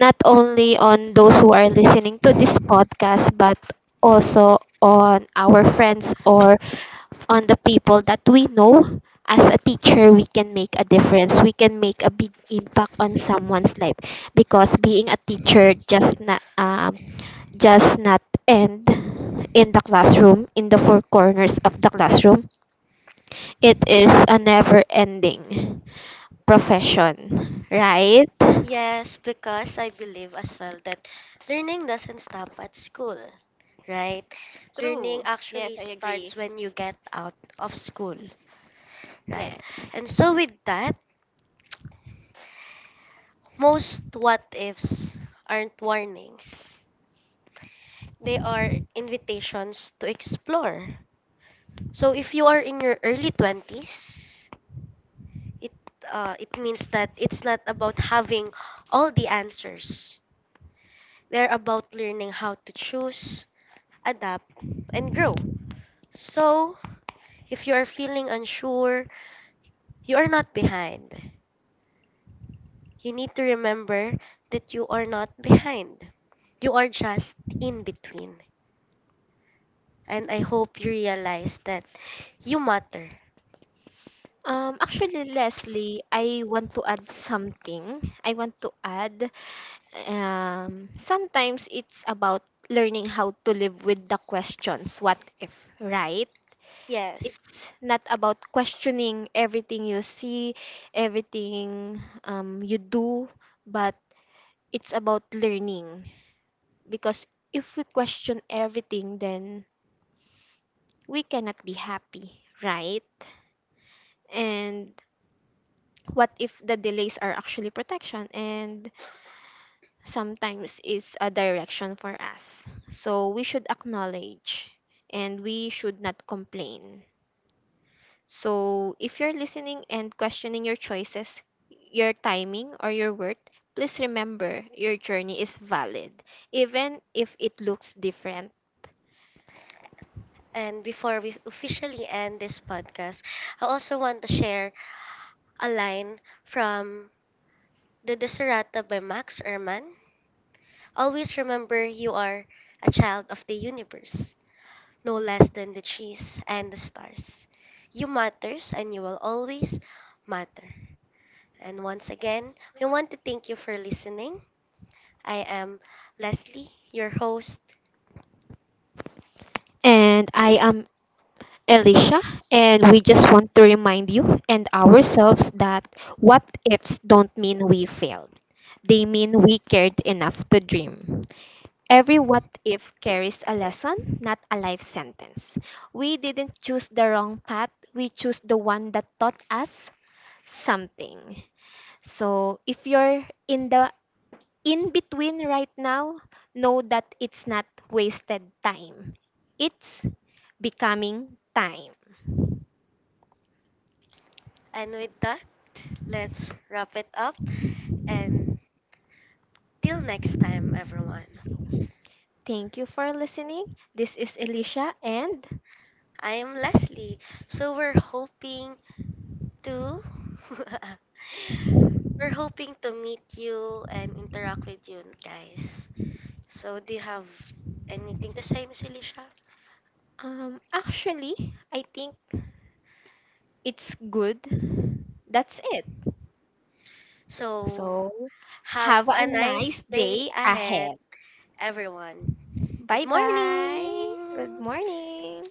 Speaker 2: not only on. Those who are listening to this podcast, but also on our friends or on the people that we know. As a teacher, we can make a difference. We can make a big impact on someone's life because being a teacher just not um, just not end in the classroom, in the four corners of the classroom. It is a never-ending profession, right?
Speaker 1: Yes, because I believe as well that learning doesn't stop at school, right? Learning
Speaker 2: True. Yes,
Speaker 1: actually
Speaker 2: I agree.
Speaker 1: starts when you get out of school,
Speaker 2: Yeah.
Speaker 1: right? And so, with that, most what ifs aren't warnings, they are invitations to explore. So if you are in your early twenties, it uh, it means that it's not about having all the answers. They're about learning how to choose, adapt, and grow. So if you are feeling unsure, you are not behind. You need to remember that you are not behind. You are just in between. And I hope you realize that you matter.
Speaker 2: Um, actually, Leslie, I want to add something. I want to add, um, sometimes it's about learning how to live with the questions, what if, right?
Speaker 1: Yes.
Speaker 2: It's not about questioning everything you see, everything um, you do, but it's about learning. Because if we question everything, then we cannot be happy, right? And what if the delays are actually protection and sometimes is a direction for us. So we should acknowledge and we should not complain. So if you're listening and questioning your choices, your timing, or your worth, please remember your journey is valid, even if it looks different.
Speaker 1: And before we officially end this podcast, I also want to share a line from The Desiderata by Max Ehrmann: Always remember you are a child of the universe, no less than the trees and the stars. You matters and you will always matter. And once again, we want to thank you for listening. I am Leslie, your host.
Speaker 2: And I am Alicia, and we just want to remind you and ourselves that what ifs don't mean we failed. They mean we cared enough to dream. Every what if carries a lesson, not a life sentence. We didn't choose the wrong path, we choose the one that taught us something. So if you're in the in between right now, know that it's not wasted time. It's becoming time.
Speaker 1: And with that, let's wrap it up. And till next time, everyone.
Speaker 2: Thank you for listening. This is Alicia and
Speaker 1: I'm Leslie. So we're hoping to we're hoping to meet you and interact with you guys. So do you have anything to say, Miss Alicia?
Speaker 2: um actually I think it's good. That's it. So,
Speaker 1: So
Speaker 2: So,
Speaker 1: have
Speaker 2: have have a
Speaker 1: a
Speaker 2: a nice
Speaker 1: nice
Speaker 2: nice day
Speaker 1: day
Speaker 2: day
Speaker 1: ahead,
Speaker 2: ahead.
Speaker 1: everyone. Good
Speaker 2: ahead. Bye bye. Good
Speaker 1: morning.
Speaker 2: morning.